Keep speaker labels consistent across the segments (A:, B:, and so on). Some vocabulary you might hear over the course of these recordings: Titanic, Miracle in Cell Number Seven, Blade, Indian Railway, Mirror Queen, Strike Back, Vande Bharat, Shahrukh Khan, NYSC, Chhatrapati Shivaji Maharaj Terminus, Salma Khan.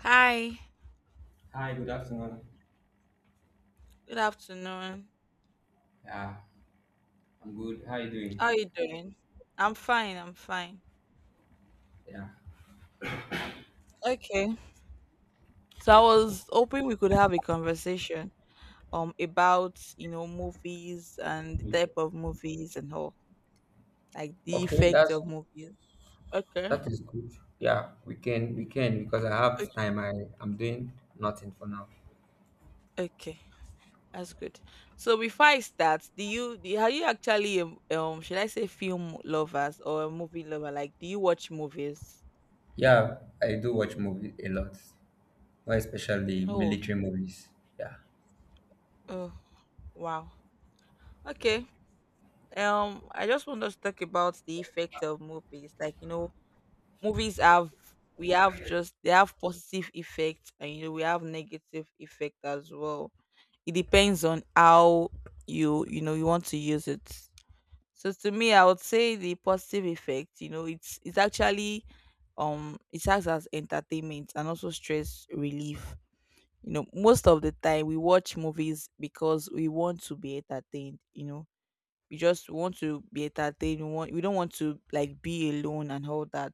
A: Hi,
B: Hi, good afternoon.
A: good afternoon.
B: Yeah, I'm good. How you doing?
A: How are you doing? I'm fine, I'm fine.
B: Yeah.
A: Okay. So I was hoping we could have a conversation about, movies and the
B: Me too.
A: type of movies and all, like the
B: Okay,
A: effect of movies. Okay.
B: that is good. Yeah, we can because I
A: Okay.
B: have time. I'm doing nothing for now.
A: Okay. That's good. So before I start, are you actually should I say film lovers or a movie lover? Like do you watch movies?
B: Yeah, I do watch movie a lot, more especially
A: Oh,
B: military movies. Yeah.
A: oh, wow. Okay. I just want us to talk about the effect of movies, like, movies have, we have just they have positive effects, and we have negative effect as well. It depends on how you want to use it. So to me, I would say the positive effect, it's actually, it acts as entertainment and also stress relief. Most of the time we watch movies because we want to be entertained, we just want to be entertained. We don't want to, like, be alone and all that.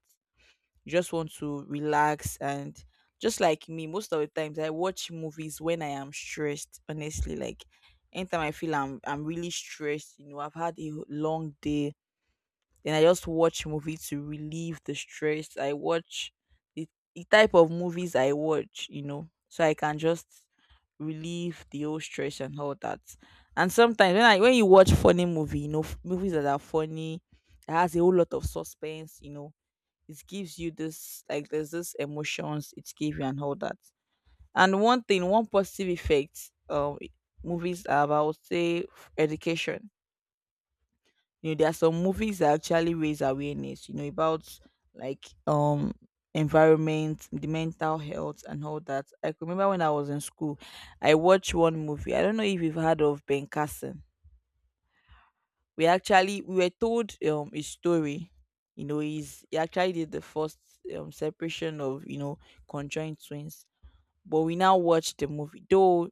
A: We just want to relax. And just like me, most of the times I watch movies when I am stressed. Honestly, like anytime I feel I'm really stressed, you know, I've had a long day, then I just watch movie to relieve the stress. I watch the, the type of movies I watch, so I can just relieve the whole stress and all that. And sometimes when you watch funny movie, movies that are funny, that has a whole lot of suspense, you know, it gives you this, like, there's this emotions it gives you and all that. And one thing, one positive effect, movies are about, say, education. You know, there are some movies that actually raise awareness, you know, about like, environment, the mental health and all that. I could remember when I was in school, I watched one movie, I don't know if you've heard of Ben Carson. We actually we were told his story. You know, he actually did the first separation of, conjoined twins. But we now watch the movie though,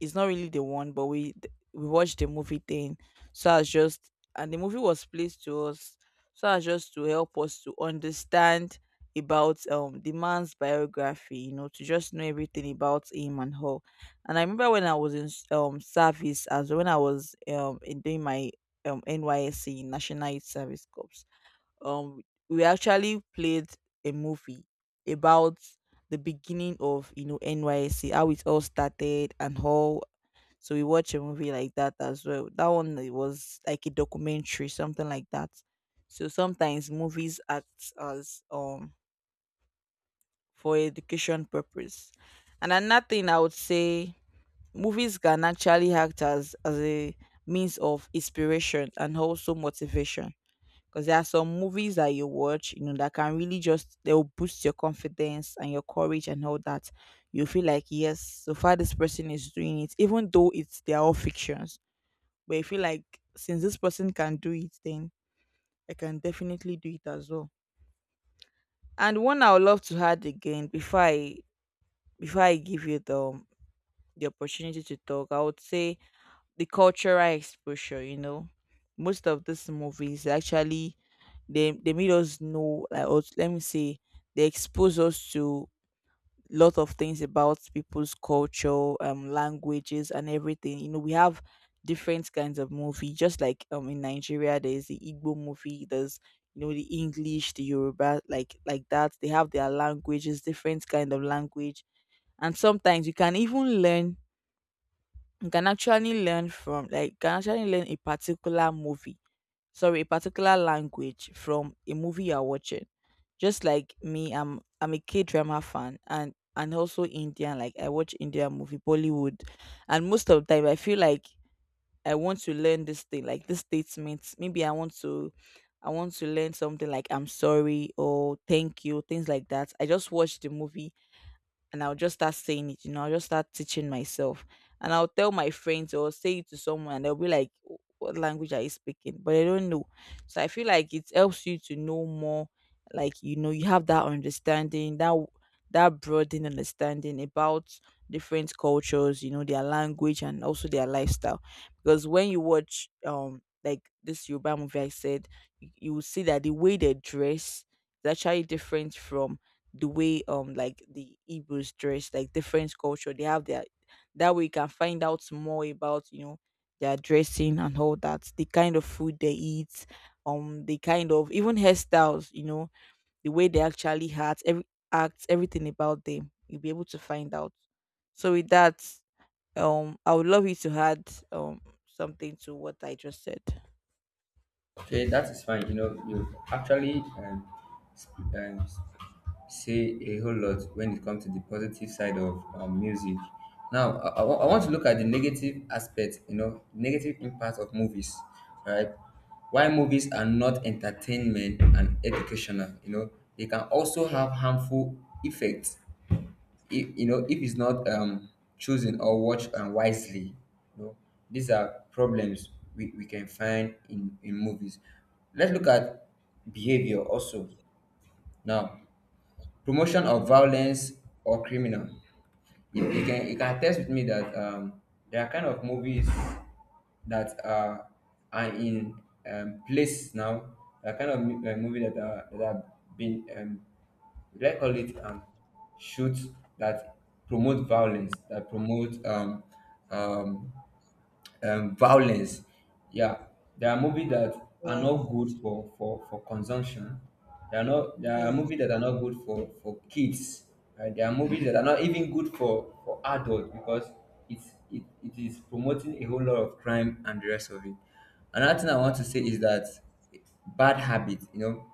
A: it's not really the one, but we watched the movie thing, so as just. And the movie was placed to us so as just to help us to understand about the man's biography, you know, to just know everything about him and her. And I remember when I was in service, as when I was in doing my NYSC, national youth service corps. um we actually played a movie about the beginning of, NYC, how it all started and how. So we watched a movie like that as well. That one, it was like a documentary, something like that. So sometimes movies act as, for education purpose. And another thing I would say, movies can actually act as a means of inspiration and also motivation, because there are some movies that you watch, you know, that can really just, they'll boost your confidence and your courage and all that. You feel like, yes, so far this person is doing it, even though it's they're all fictions. But I feel like since this person can do it, then I can definitely do it as well. And one I would love to add again before I, give you the, opportunity to talk, I would say the cultural exposure. Most of these movies actually, they made us know, like, or let me say, they expose us to lot of things about people's culture, languages and everything. You know, we have different kinds of movie. Just like in Nigeria, there's the Igbo movie, there's, the English, the Yoruba, like that. They have their languages, different kind of language. And sometimes you can even learn, you can actually learn from, like, you can actually learn a particular movie, sorry, a particular language from a movie you're watching. Just like me, I'm a K drama fan, and also Indian. Like, I watch Indian movie, Bollywood, and most of the time I feel like I want to learn this thing, like, this statement. Maybe I want to, learn something like "I'm sorry" or "thank you", things like that. I just watched the movie and I'll just start saying it, I'll just start teaching myself. And I'll tell my friends or say it to someone and they'll be like, What language are you speaking?" But they don't know. So I feel like it helps you to know more, like, you have that understanding, that broadened understanding about different cultures, their language and also their lifestyle. Because when you watch, like, this Yoruba movie I said, you will see that the way they dress is actually different from the way, like the Igbos dress, like different culture. They have their That way you can find out more about, their dressing and all that, the kind of food they eat, the kind of even hairstyles, the way they actually act, everything about them. You'll be able to find out. So with that, I would love you to add um something to what I just said.
B: Okay, that is fine. You know, you actually sp- um, say a whole lot when it comes to the positive side of music. Now, I want to look at the negative aspect, you know, negative impact of movies, right? Why movies are not entertainment and educational, you know, they can also have harmful effects if you know if it's not chosen or watched wisely, you know, these are problems we can find in movies. Let's look at behavior also. Now, promotion of violence or criminal, you can you can attest with me that there are kind of movies that are in place now. That kind of movie that are that have been would I call it shoots that promote violence, that promote um, violence. Yeah, there are movies that are not
A: Yes,
B: good for, for consumption. There are
A: yes,
B: movies that are not good for kids. Right? There are movies that are not even good for adults because it is promoting a whole lot of crime and the rest of it. Another thing I want to say is that bad habits, you know,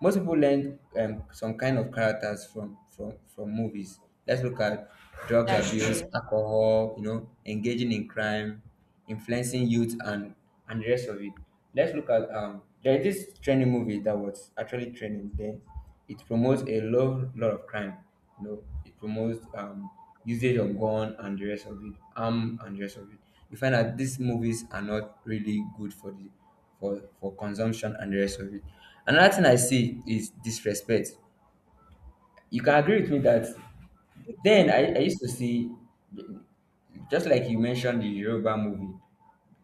B: most people learn some kind of characters from from movies. Let's look at drugs
A: that's
B: abuse,
A: true.
B: alcohol, you know, engaging in crime, influencing youth, and the rest of it. Let's look at there is this training movie that was actually training. Then it promotes a lot of crime. You know, it promotes usage of gun and the rest of it, arm and the rest of it. You find that these movies are not really good for the for consumption and the rest of it. Another thing I see is disrespect. You can agree with me that
A: Okay.
B: then I used to see, just like you mentioned the Yoruba movie,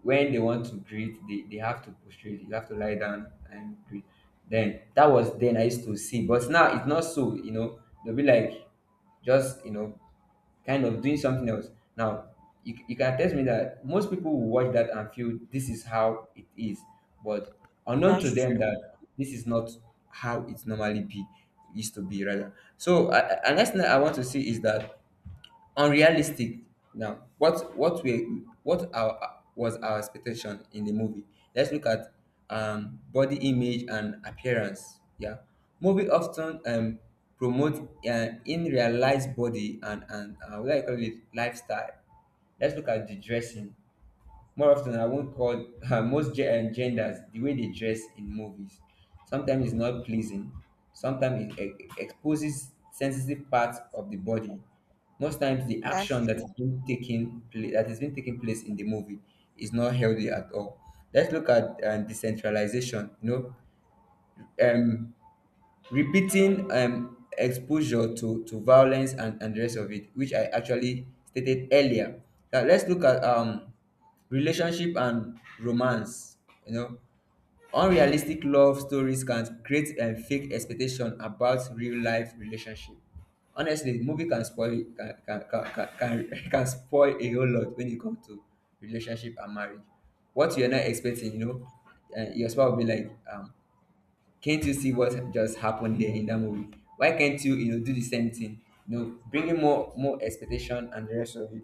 B: when they want to greet, they have to prostrate, you have to lie down and greet. Then that was then I used to see, but now it's not so, you know, they'll be like just you know kind of doing something else. Now, you can attest me that most people will watch that and feel this is how it is, but unknown to them that this is not how it normally be used to be rather. So, another thing that I want to see is that unrealistic, now what our expectation in the movie. Let's look at body image and appearance. Yeah, movie often promote an unrealized body and what I call it lifestyle. Let's look at the dressing. More often, I won't call most genders the way they dress in movies. Sometimes it's not pleasing. Sometimes it exposes sensitive parts of the body. Most times, the
A: That's
B: action that is
A: true.
B: being that is being taking place in the movie is not healthy at all. Let's look at decentralization. You know, um, repeating exposure to violence and the rest of it, which I actually stated earlier. Now let's look at relationship and romance. You know, unrealistic love stories can create a fake expectation about real life relationship. Honestly, movie can spoil it- can can spoil a whole lot when it come to relationship and marriage. What you're not expecting, you know, your spouse will be like can't you see what just happened there in that movie? Why can't you, you know, do the same thing? You know, bringing more expectation and the rest of it.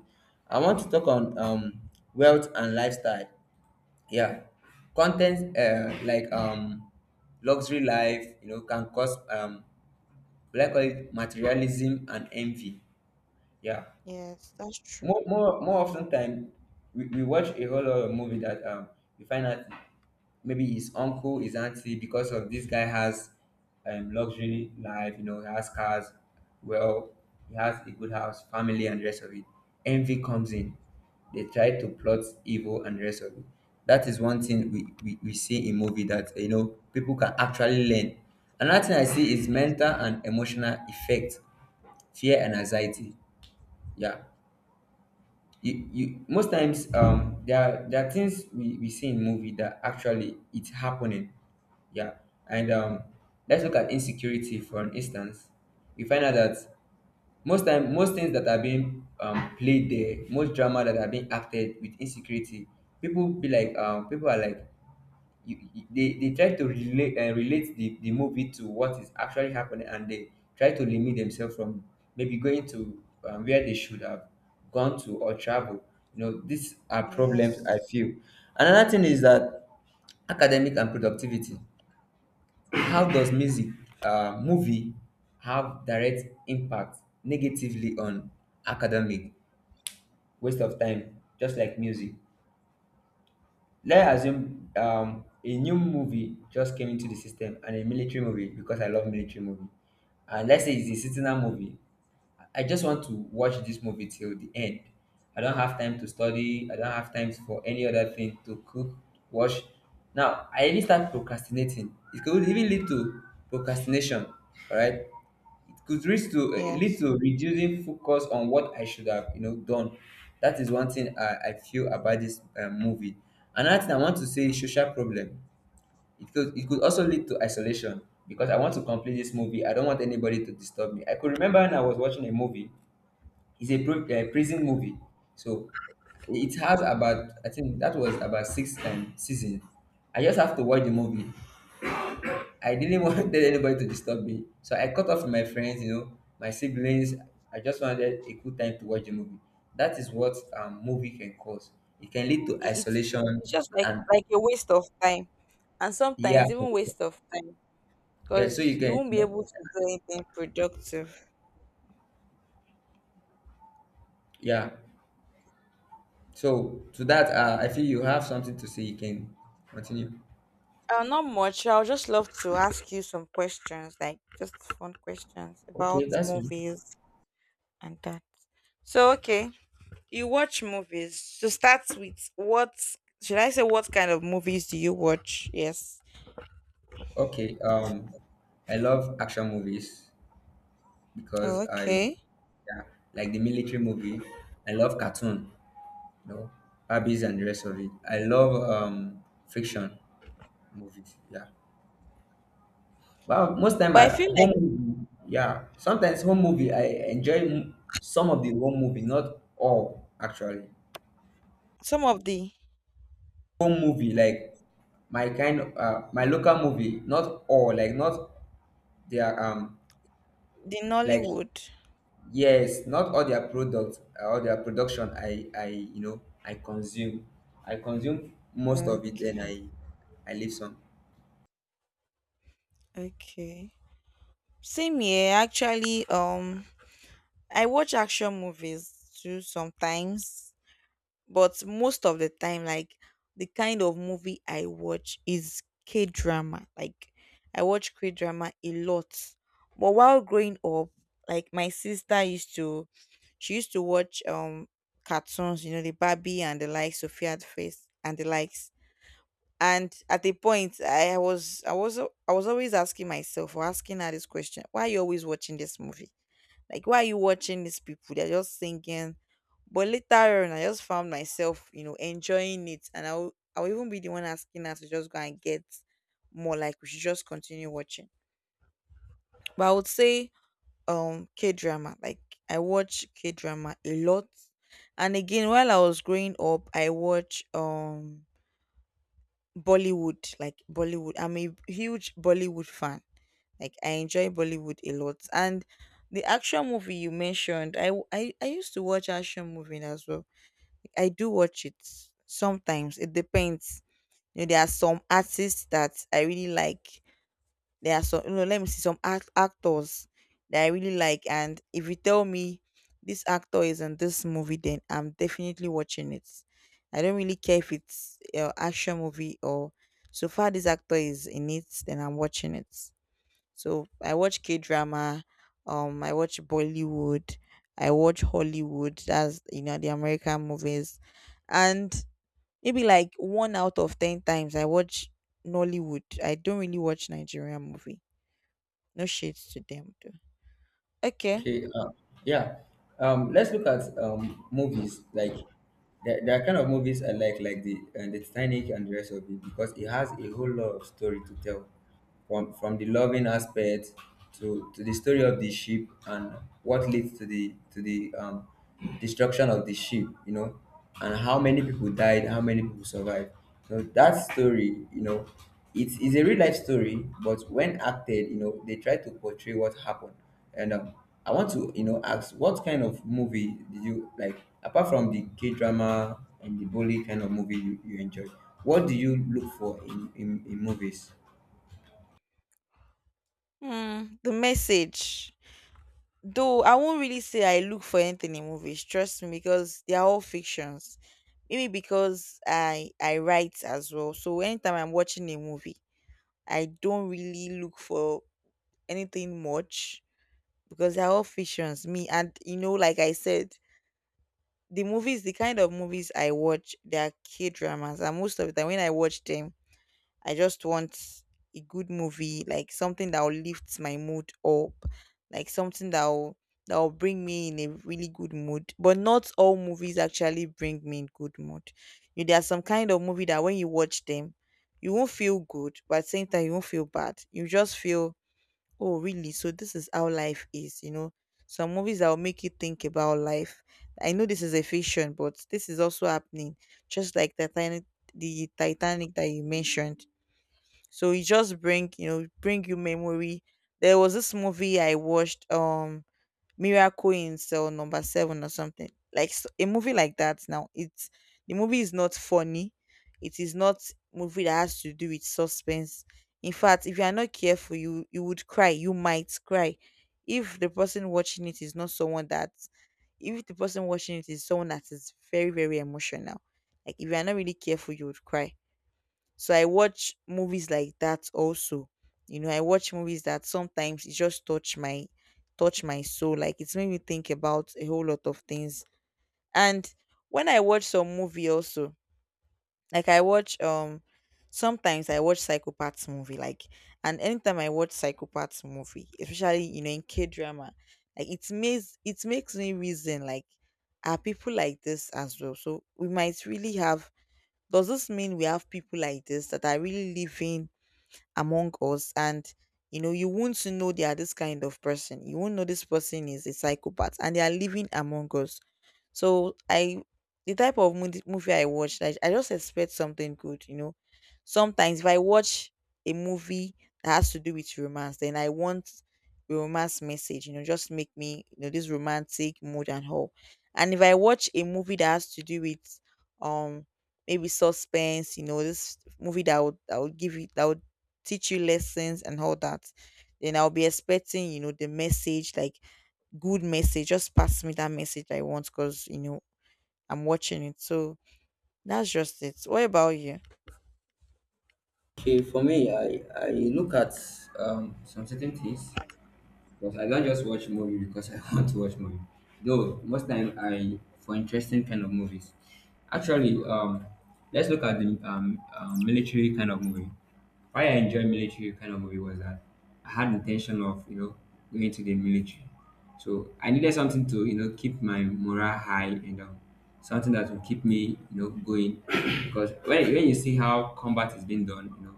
B: I want to talk on wealth and lifestyle. Yeah, content like luxury life, you know, can cause what I call it materialism and envy. Yeah,
A: Yes, that's true.
B: more often time, we watch a whole lot of movie that we find out maybe his uncle his auntie because of this guy has luxury life, you know, he has cars, well, he has a good house family and the rest of it. Envy comes in, they try to plot evil and the rest of it. That is one thing we see in movie that you know people can actually learn. Another thing I see is mental and emotional effect, fear and anxiety. Yeah, you most times there are things we see in movie that actually it's happening. Yeah. And let's look at insecurity for an instance. We find out that most time most things that are being played there most drama that are being acted with insecurity, people be like people are like they try to relate relate the movie to what is actually happening, and they try to limit themselves from maybe going to where they should have gone to or travel. You know, these are problems I
A: Yes,
B: feel. Another thing is that academic and productivity. How does music movie have direct impact negatively on academic? Waste of time just like music. Let's assume a new movie just came into the system, and a military movie because I love military movie. And let's say it's a sentinel movie. I just want to watch this movie till the end. I don't have time to study. I don't have time for any other thing to cook, wash. Now I even start procrastinating. It could even lead to procrastination. All right, it could reach to lead
A: yes.
B: to reducing focus on what I should have you know done. That is one thing I feel about this movie. Another thing I want to say is social problem. It could also lead to isolation because I want to complete this movie. I don't want anybody to disturb me. I could remember when I was watching a movie. It's a prison movie, so it has about I think that was about six seasons. I just have to watch the movie. I didn't want anybody to disturb me. So I cut off my friends, you know, my siblings. I just wanted a good time to watch a movie. That is what movie can cause. It can lead to
A: It, it's
B: isolation,
A: it's just like
B: and
A: like a waste of time, and
B: yeah,
A: sometimes even waste of time,
B: yeah. So
A: because
B: you
A: you
B: can, you
A: won't be
B: know,
A: able to do anything productive.
B: yeah. So to that, I feel you have something to say. You can continue.
A: Not much. I'll just love to ask you some questions, like just fun questions
B: Okay,
A: about
B: that's me.
A: movies and that. So, okay, you watch movies. To start with, what should I say? What kind of movies do you watch? Yes.
B: Okay. I love action movies because
A: Oh,
B: I
A: okay.
B: yeah, like the military movie. I love cartoon, you know, hobbies and the rest of it. I love fiction movies. Yeah. Well, most time
A: But I
B: I
A: feel
B: home
A: like
B: movie, yeah. Sometimes home movie I enjoy some of the home movie, not all actually.
A: some of the,
B: Home movie like my kind of my local movie, not all like not their like
A: Nollywood.
B: yes, not all their products all their production I you know I consume. I consume most
A: Mm,
B: of it then I leave some.
A: okay. Same here, actually. I watch action movies too sometimes, but most of the time, like, the kind of movie I watch is K drama. Like, I watch K drama a lot. But while growing up, like, my sister used to, she used to watch cartoons. The Barbie and the likes, Sophia the Face and the likes. And at a point, I was always asking myself or asking her this question: why are you always watching this movie? Like, why are you watching these people? They're just thinking. But later on, I just found myself, enjoying it, and I'll even be the one asking her to just go and get more. Like, we should just continue watching. But I would say, K drama. Like, I watch K drama a lot. And again, while I was growing up, I watch Bollywood, like, Bollywood. I'm a huge Bollywood fan. Like, I enjoy Bollywood a lot. And the action movie you mentioned, I used to watch action movie as well. I do watch it sometimes. It depends. There are some artists that I really like. There are some, let me see, some actors that I really like, and if you tell me this actor is in this movie, then I'm definitely watching it. I don't really care if it's, action movie or, so far this actor is in it, then I'm watching it. So I watch K drama, I watch Bollywood, I watch Hollywood. That's, the American movies, and maybe like one out of 10 times I watch Nollywood. I don't really watch Nigerian movie, no shades to them though. Okay.
B: Okay, yeah. Let's look at movies. Like there are kind of movies I like the Titanic and the rest of it, because it has a whole lot of story to tell, from the loving aspect to the story of the ship and what leads to the destruction of the ship, you know, and how many people died, how many people survived. So that story, you know, it's a real life story, but when acted, you know, they try to portray what happened. And I want to, you know, ask what kind of movie did you like apart from the K drama and the bully kind of movie you enjoy? What do you look for in movies?
A: Hmm. The message. Though I won't really say I look for anything in movies, trust me, because they are all fictions. Maybe because I write as well. So anytime I'm watching a movie, I don't really look for anything much, because they're all fictions. Me and, like I said, the movies, the kind of movies I watch, they are K dramas, and most of the time when I watch them, I just want a good movie, like something that will lift my mood up, like something that will bring me in a really good mood. But not all movies actually bring me in good mood. You There are some kind of movie that when you watch them, you won't feel good, but at the same time you won't feel bad. You just feel, oh really? So this is how life is. Some movies that will make you think about life. I know this is a fiction, but this is also happening. Just like the Titanic that you mentioned, so it just bring you memory. There was this movie I watched, Miracle in Cell Number Seven, or something a movie like that. Now it's, the movie is not funny, it is not movie that has to do with suspense. In fact, if you are not careful, you would cry, you might cry. If the person watching it is not someone that, if the person watching it is someone that is very very emotional, like if you are not really careful, you would cry. So I watch movies like that also. You know, I watch movies that sometimes it just touch my soul. Like, it's made me think about a whole lot of things. And when I watch some movie also, like, I watch sometimes I watch psychopaths movie, like, and anytime I watch psychopaths movie, especially, you know, in K drama, like it makes me reason, like, are people like this as well? So we might really have does this mean we have people like this that are really living among us? And you know, you won't know they are this kind of person, you won't know this person is a psychopath and they are living among us. So, I the type of mood- movie I watch, I just expect something good, you know. Sometimes if I watch a movie that has to do with romance, then I want a romance message, you know, just make me, this romantic mood and all. And if I watch a movie that has to do with um maybe suspense, this movie that would give you that would teach you lessons and all that, then I'll be expecting, the message, like, good message. Just pass me that message I want because you know I'm watching it. So that's just it. What about you?
B: Okay, for me, I look at some certain things. But I don't just watch movie because I want to watch movie. Though most time I for interesting kind of movies. Actually, let's look at the military kind of movie. Why I enjoy military kind of movie was that I had intention of you know going to the military, so I needed something to you know keep my morale high and something that will keep me you know going because when you see how combat is being done, you know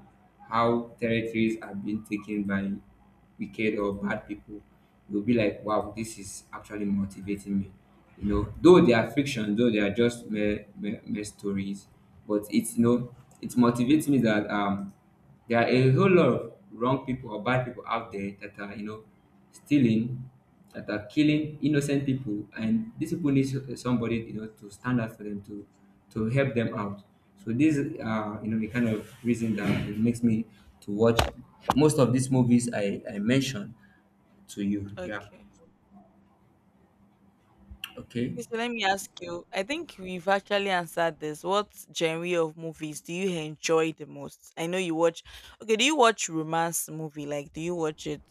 B: how territories are being taken by wicked or bad people, you'll be like, wow, this is actually motivating me. You know, though they are fiction, though they are just mere stories, but it motivates me that there are a whole lot of wrong people or bad people out there that are, you know, stealing, that are killing innocent people, and these people need somebody, you know, to stand up for them to help them out. So these are, you know, the kind of reason that it makes me to watch most of these movies I mentioned to you. Yeah.
A: Okay.
B: Okay.
A: Okay, so let me ask you. I think we've actually answered this. What genre of movies do you enjoy the most? I know you watch. Okay, do you watch romance movie? Like, do you watch it?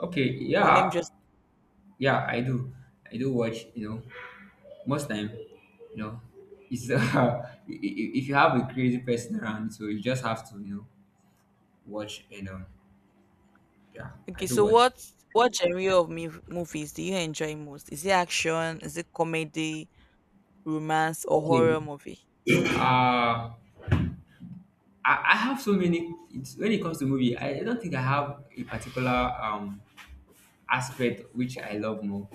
B: Okay.
A: Or let me
B: Yeah.
A: just.
B: Yeah, I do. I do watch. You know, most time you know it's if you have a crazy person around, so you just have to, you know, watch and yeah, I
A: Okay,
B: do
A: so
B: watch.
A: what genre of movies do you enjoy most? Is it action? Is it comedy, romance, or
B: Okay.
A: horror movie?
B: uh I have so many. When it comes to movie, I don't think I have a particular um aspect which I love more.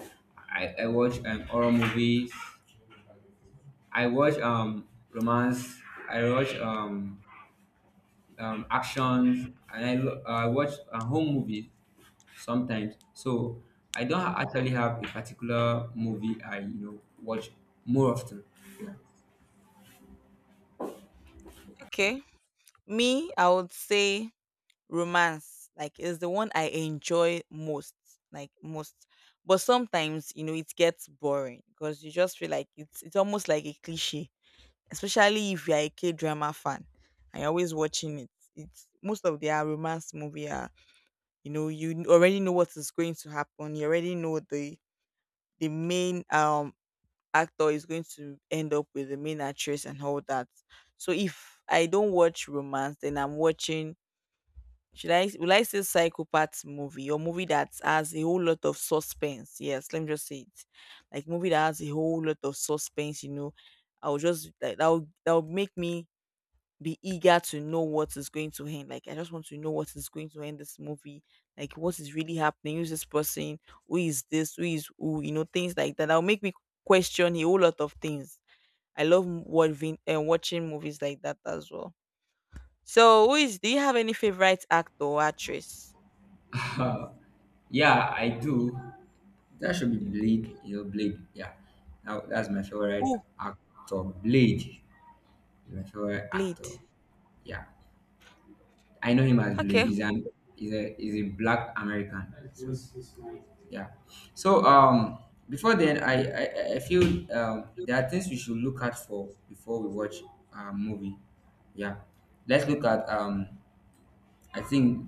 B: I watch horror movies. I watch romance. I watch actions, and I watch a home movie sometimes. So I don't actually have a particular movie I, you know, watch more often.
A: Okay, me, I would say romance, like, is the one I enjoy most, like, most. But sometimes, it gets boring because you just feel like it's almost like a cliche, especially if you're a k-drama fan, and you're always watching it. It's most of their romance movie are, you know, you already know what is going to happen, you already know the main actor is going to end up with the main actress and all that. So if I don't watch romance, then I'm watching, should I will I say psychopath movie or movie that has a whole lot of suspense? Yes, let me just say it. Like, movie that has a whole lot of suspense, you know. I will just, like, that will make me be eager to know what is going to end. Like, I just want to know what is going to end this movie. Like, what is really happening? Who's this person? Who is this? Who is who? You know, things like that. That'll make me question a whole lot of things. I love watching and watching movies like that as well. So, who is? Do you have any favorite actor or actress?
B: Uh, yeah, I do. That should be
A: Thank
B: Blade.
A: God.
B: You know, Blade. Yeah, now that's my favorite
A: Oh,
B: actor. Blade is my favorite actor.
A: Blade.
B: Yeah, I know him as Blade.
A: Okay.
B: He's an he's a black American. Yeah. So before then, I feel there are things we should look out for before we watch a movie. Yeah. Let's look at I think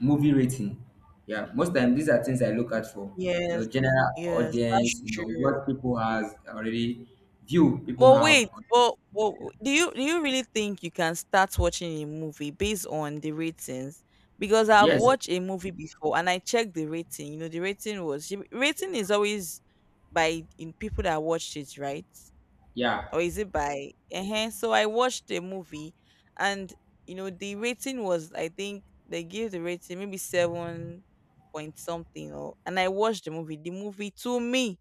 B: movie rating. Yeah. Most time these are things I look out for. You know,
A: Yes,
B: general
A: yes, that's
B: audience. You know
A: true.
B: what people has already view people
A: But
B: have.
A: wait, but do you really think you can start watching a movie based on the ratings? Because I've
B: Yes.
A: watched a movie before and I checked the rating. You know, the rating is always by in people that watched it, right?
B: Yeah.
A: Or is it by, so I watched the movie, and you know the rating was, I think they gave the rating maybe 7 point something, or and I watched the movie. The movie to me,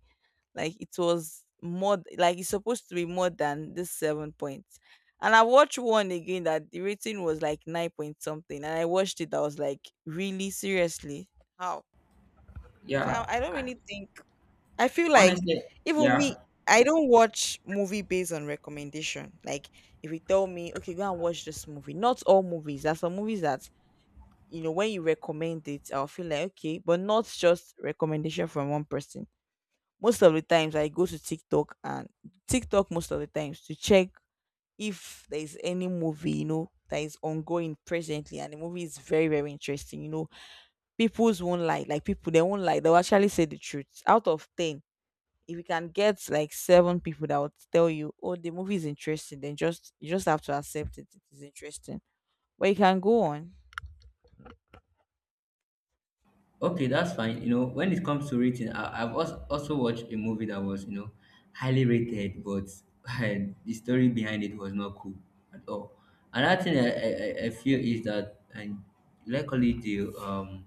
A: like, it was more, like it's supposed to be more than this 7 points. And I watched one again that the rating was like 9 point something, and I watched it, I was like, really? Seriously, how? so
B: Yeah.
A: i I don't really think. I feel like,
B: Honestly.
A: even
B: Yeah.
A: me, I don't watch movie based on recommendation. Like, if you tell me, okay, go and watch this movie. Not all movies. There are some movies that you know when you recommend it, I'll feel like okay, but not just recommendation from one person. Most of the times, I go to TikTok most of the times to check if there is any movie, that is ongoing presently, and the movie is very very interesting. You know, people's won't lie. Like, people, they won't lie. They'll actually say the truth. Out of 10, if you can get like seven people that would tell you, "Oh, the movie is interesting," then just you just have to accept it. It is interesting, but you can go on.
B: Okay, that's fine. You know, when it comes to rating, I, I've also watched a movie that was, you know, highly rated, but the story behind it was not cool at all. Another thing I feel is that, and luckily the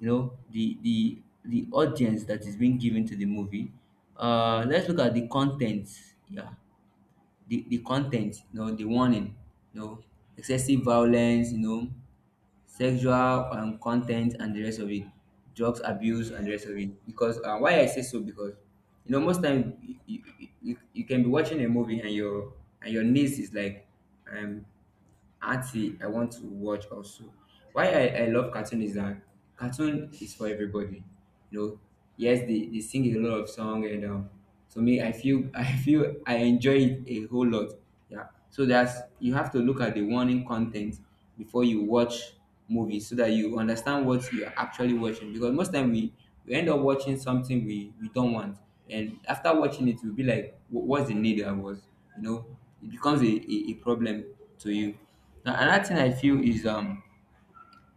B: you know, the the audience that is being given to the movie. Let's look at the content. Yeah, the content ten, you know, the warning, you know, excessive violence, you know, sexual content and the rest of it, drugs abuse
A: Yeah.
B: and the rest of it. Because why I say so, because you know most time you can be watching a movie and your niece is like um aunty, I want to watch also. Why I love cartoon is that cartoon is for everybody. You know, yes, they sing a lot of song and to me I feel I feel I enjoy it a whole lot. Yeah. So that's you have to look at the warning content before you watch movie so that you understand what you're actually watching, because most time we end up watching something we don't want, and after watching it we'll be like, what's the need? I was, you know, it becomes a problem to you. Now another thing I feel is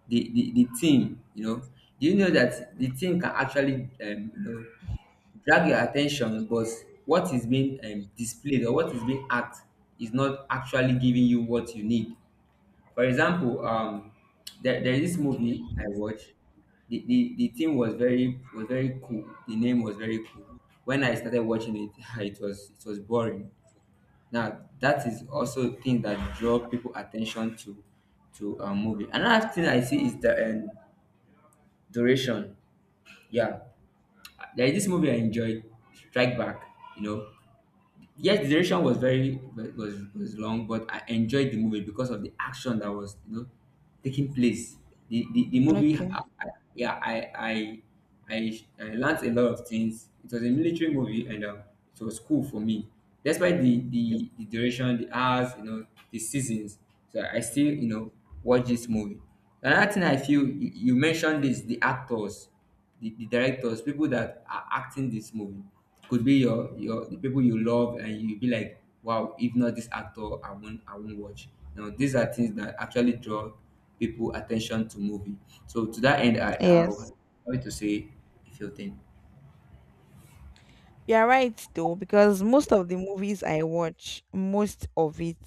B: the theme, you know, do you know that the theme can actually you know drag your attention, but what is being displayed or what is being act is not actually giving you what you need. For example, there is this movie I watched. The theme was very cool. The name was very cool. When I started watching it, it was boring. Now that is also thing that draw people attention to a movie. Another thing I see is the duration. Yeah, there is this movie I enjoyed, Strike Back. You know, yes the duration was very was long, but I enjoyed the movie because of the action that was, you know, taking place. The movie
A: Okay.
B: I, yeah I learned a lot of things. It was a military movie, and it was cool for me. Despite the the duration, the hours, you know, the seasons, so I still, you know, watch this movie. Another thing I feel you, you mentioned is the actors, the directors, people that are acting this movie. Could be your the people you love, and you be like, wow, if not this actor, I won't watch. You know, these are things that actually draw people attention to movie. So to that end, I
A: Yes.
B: would like to say a few things.
A: You're right though, because most of the movies I watch, most of it,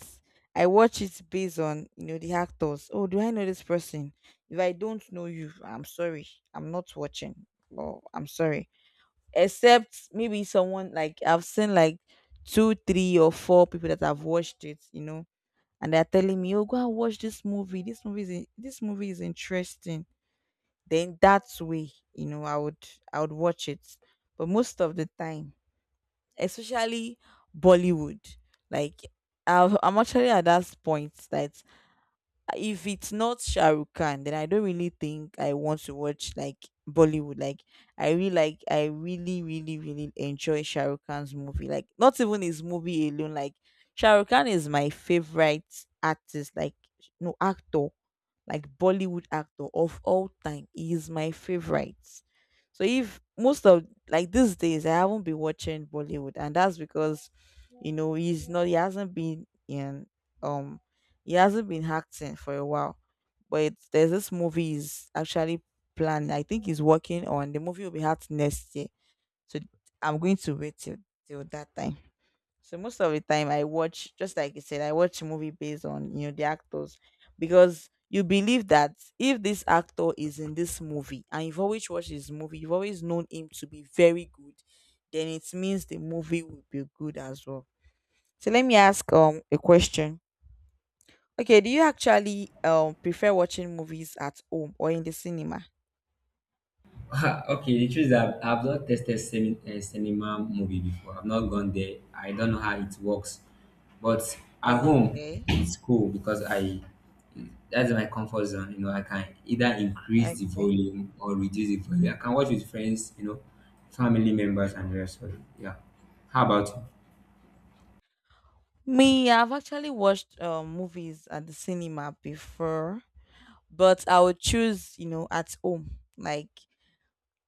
A: I watch it based on the actors. Oh, do I know this person? If I don't know you, I'm sorry, I'm not watching. Oh, I'm sorry. Except maybe someone, like, I've seen like two, three, or four people that have watched it. You know, and they're telling me, "Oh, go and watch this movie. This movie is interesting." Then that way, I would watch it. But most of the time, especially Bollywood, like, I'm actually at that point that if it's not Shahrukh Khan, then I don't really think I want to watch like Bollywood. Like, I really really really enjoy Shahrukh Khan's movie. Like, not even his movie alone. Like, Shahrukh Khan is my favorite artist. Like, no actor, like, Bollywood actor of all time. He is my favorite. So, if most of, like, these days I haven't been watching Bollywood, and that's because, he's not, he hasn't been in, um he hasn't been acting for a while. But there's this movie is actually planned. I think he's working on the movie will be out next year. So I'm going to wait till that time. So most of the time I watch, just like you said, I watch movie based on the actors because you believe that if this actor is in this movie and you've always watched his movie, you've always known him to be very good, then it means the movie will be good as well. So let me ask a question. Okay, do you actually prefer watching movies at home or in the cinema?
B: Okay, the truth is that I've not tested cinema movie before. I've not gone there. I don't know how it works, but at home
A: Okay.
B: it's cool because I that's my comfort zone. You know, I can either increase
A: Okay.
B: the volume or reduce the volume. I can watch with friends, you know, family members, and the rest of it. Yeah. How about you?
A: Me, I've actually watched movies at the cinema before. But I would choose, you know, at home. Like,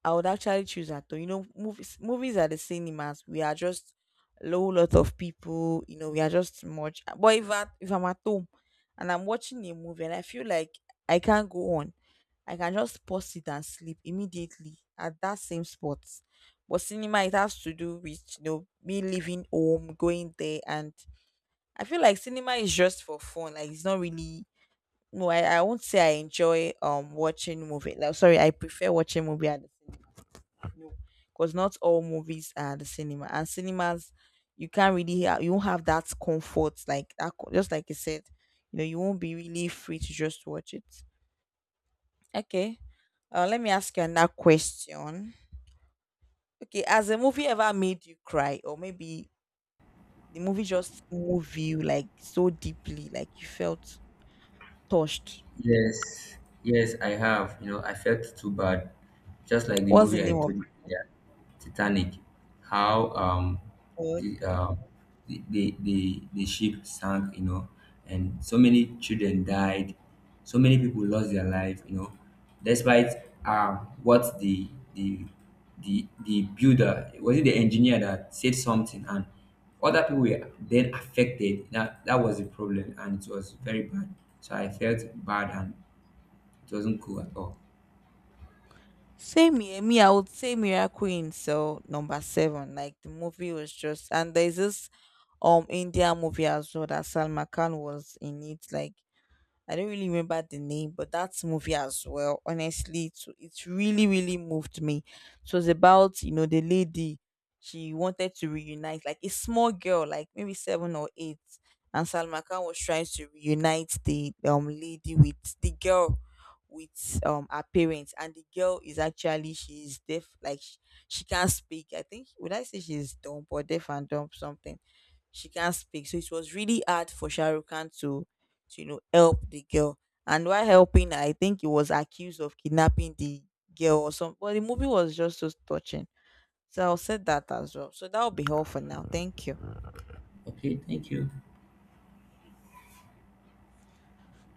A: I would actually choose at home. You know, movies at the cinemas, we are just a whole lot of people, we are just much. But if I'm at home and I'm watching a movie and I feel like I can't go on, I can just pause it and sleep immediately at that same spot. But cinema, it has to do with, me leaving home, going there, and I feel like cinema is just for fun. Like, it's not really, no, I won't say I enjoy watching movie. Like, sorry, I prefer watching movie at the cinema because not all movies are at the cinema. And cinemas, you can't really you won't have that comfort like that. Just like you said, you know, you won't be really free to just watch it. Okay. Let me ask you another question. Okay, has a movie ever made you cry, or maybe the movie just moved you, like, so deeply, like, you felt touched?
B: Yes, yes, I have. You know, I felt too bad, just like the
A: What's the
B: movie I
A: name of?
B: told you earlier, Titanic. How the
A: Okay.
B: um the the ship sank, you know, and so many children died, so many people lost their life, you know, despite what the the the builder, was it the engineer that said something, and other people were then affected. That that was the problem, and it was very bad. So I felt bad, and it wasn't cool at all.
A: Same here. Me, I would say Mirror Queen. So number seven, like, the movie was just, and there's this India movie as well that Salma Khan was in it. Like, I don't really remember the name, but that movie as well, honestly, to, it really, really moved me. It was about, the lady, she wanted to reunite, like, a small girl, like, maybe 7 or 8. And Salma Khan was trying to reunite the lady with the girl with her parents, and the girl is actually she's deaf, like, she can't speak. I think, would I say she's dumb or deaf and dumb, something. She can't speak, so it was really hard for Shahrukh Khan to help the girl. And while helping, I think he was accused of kidnapping the girl or something. But the movie was just so touching. So I'll say that as well. So that'll be all for now. Thank you.
B: Okay, thank you.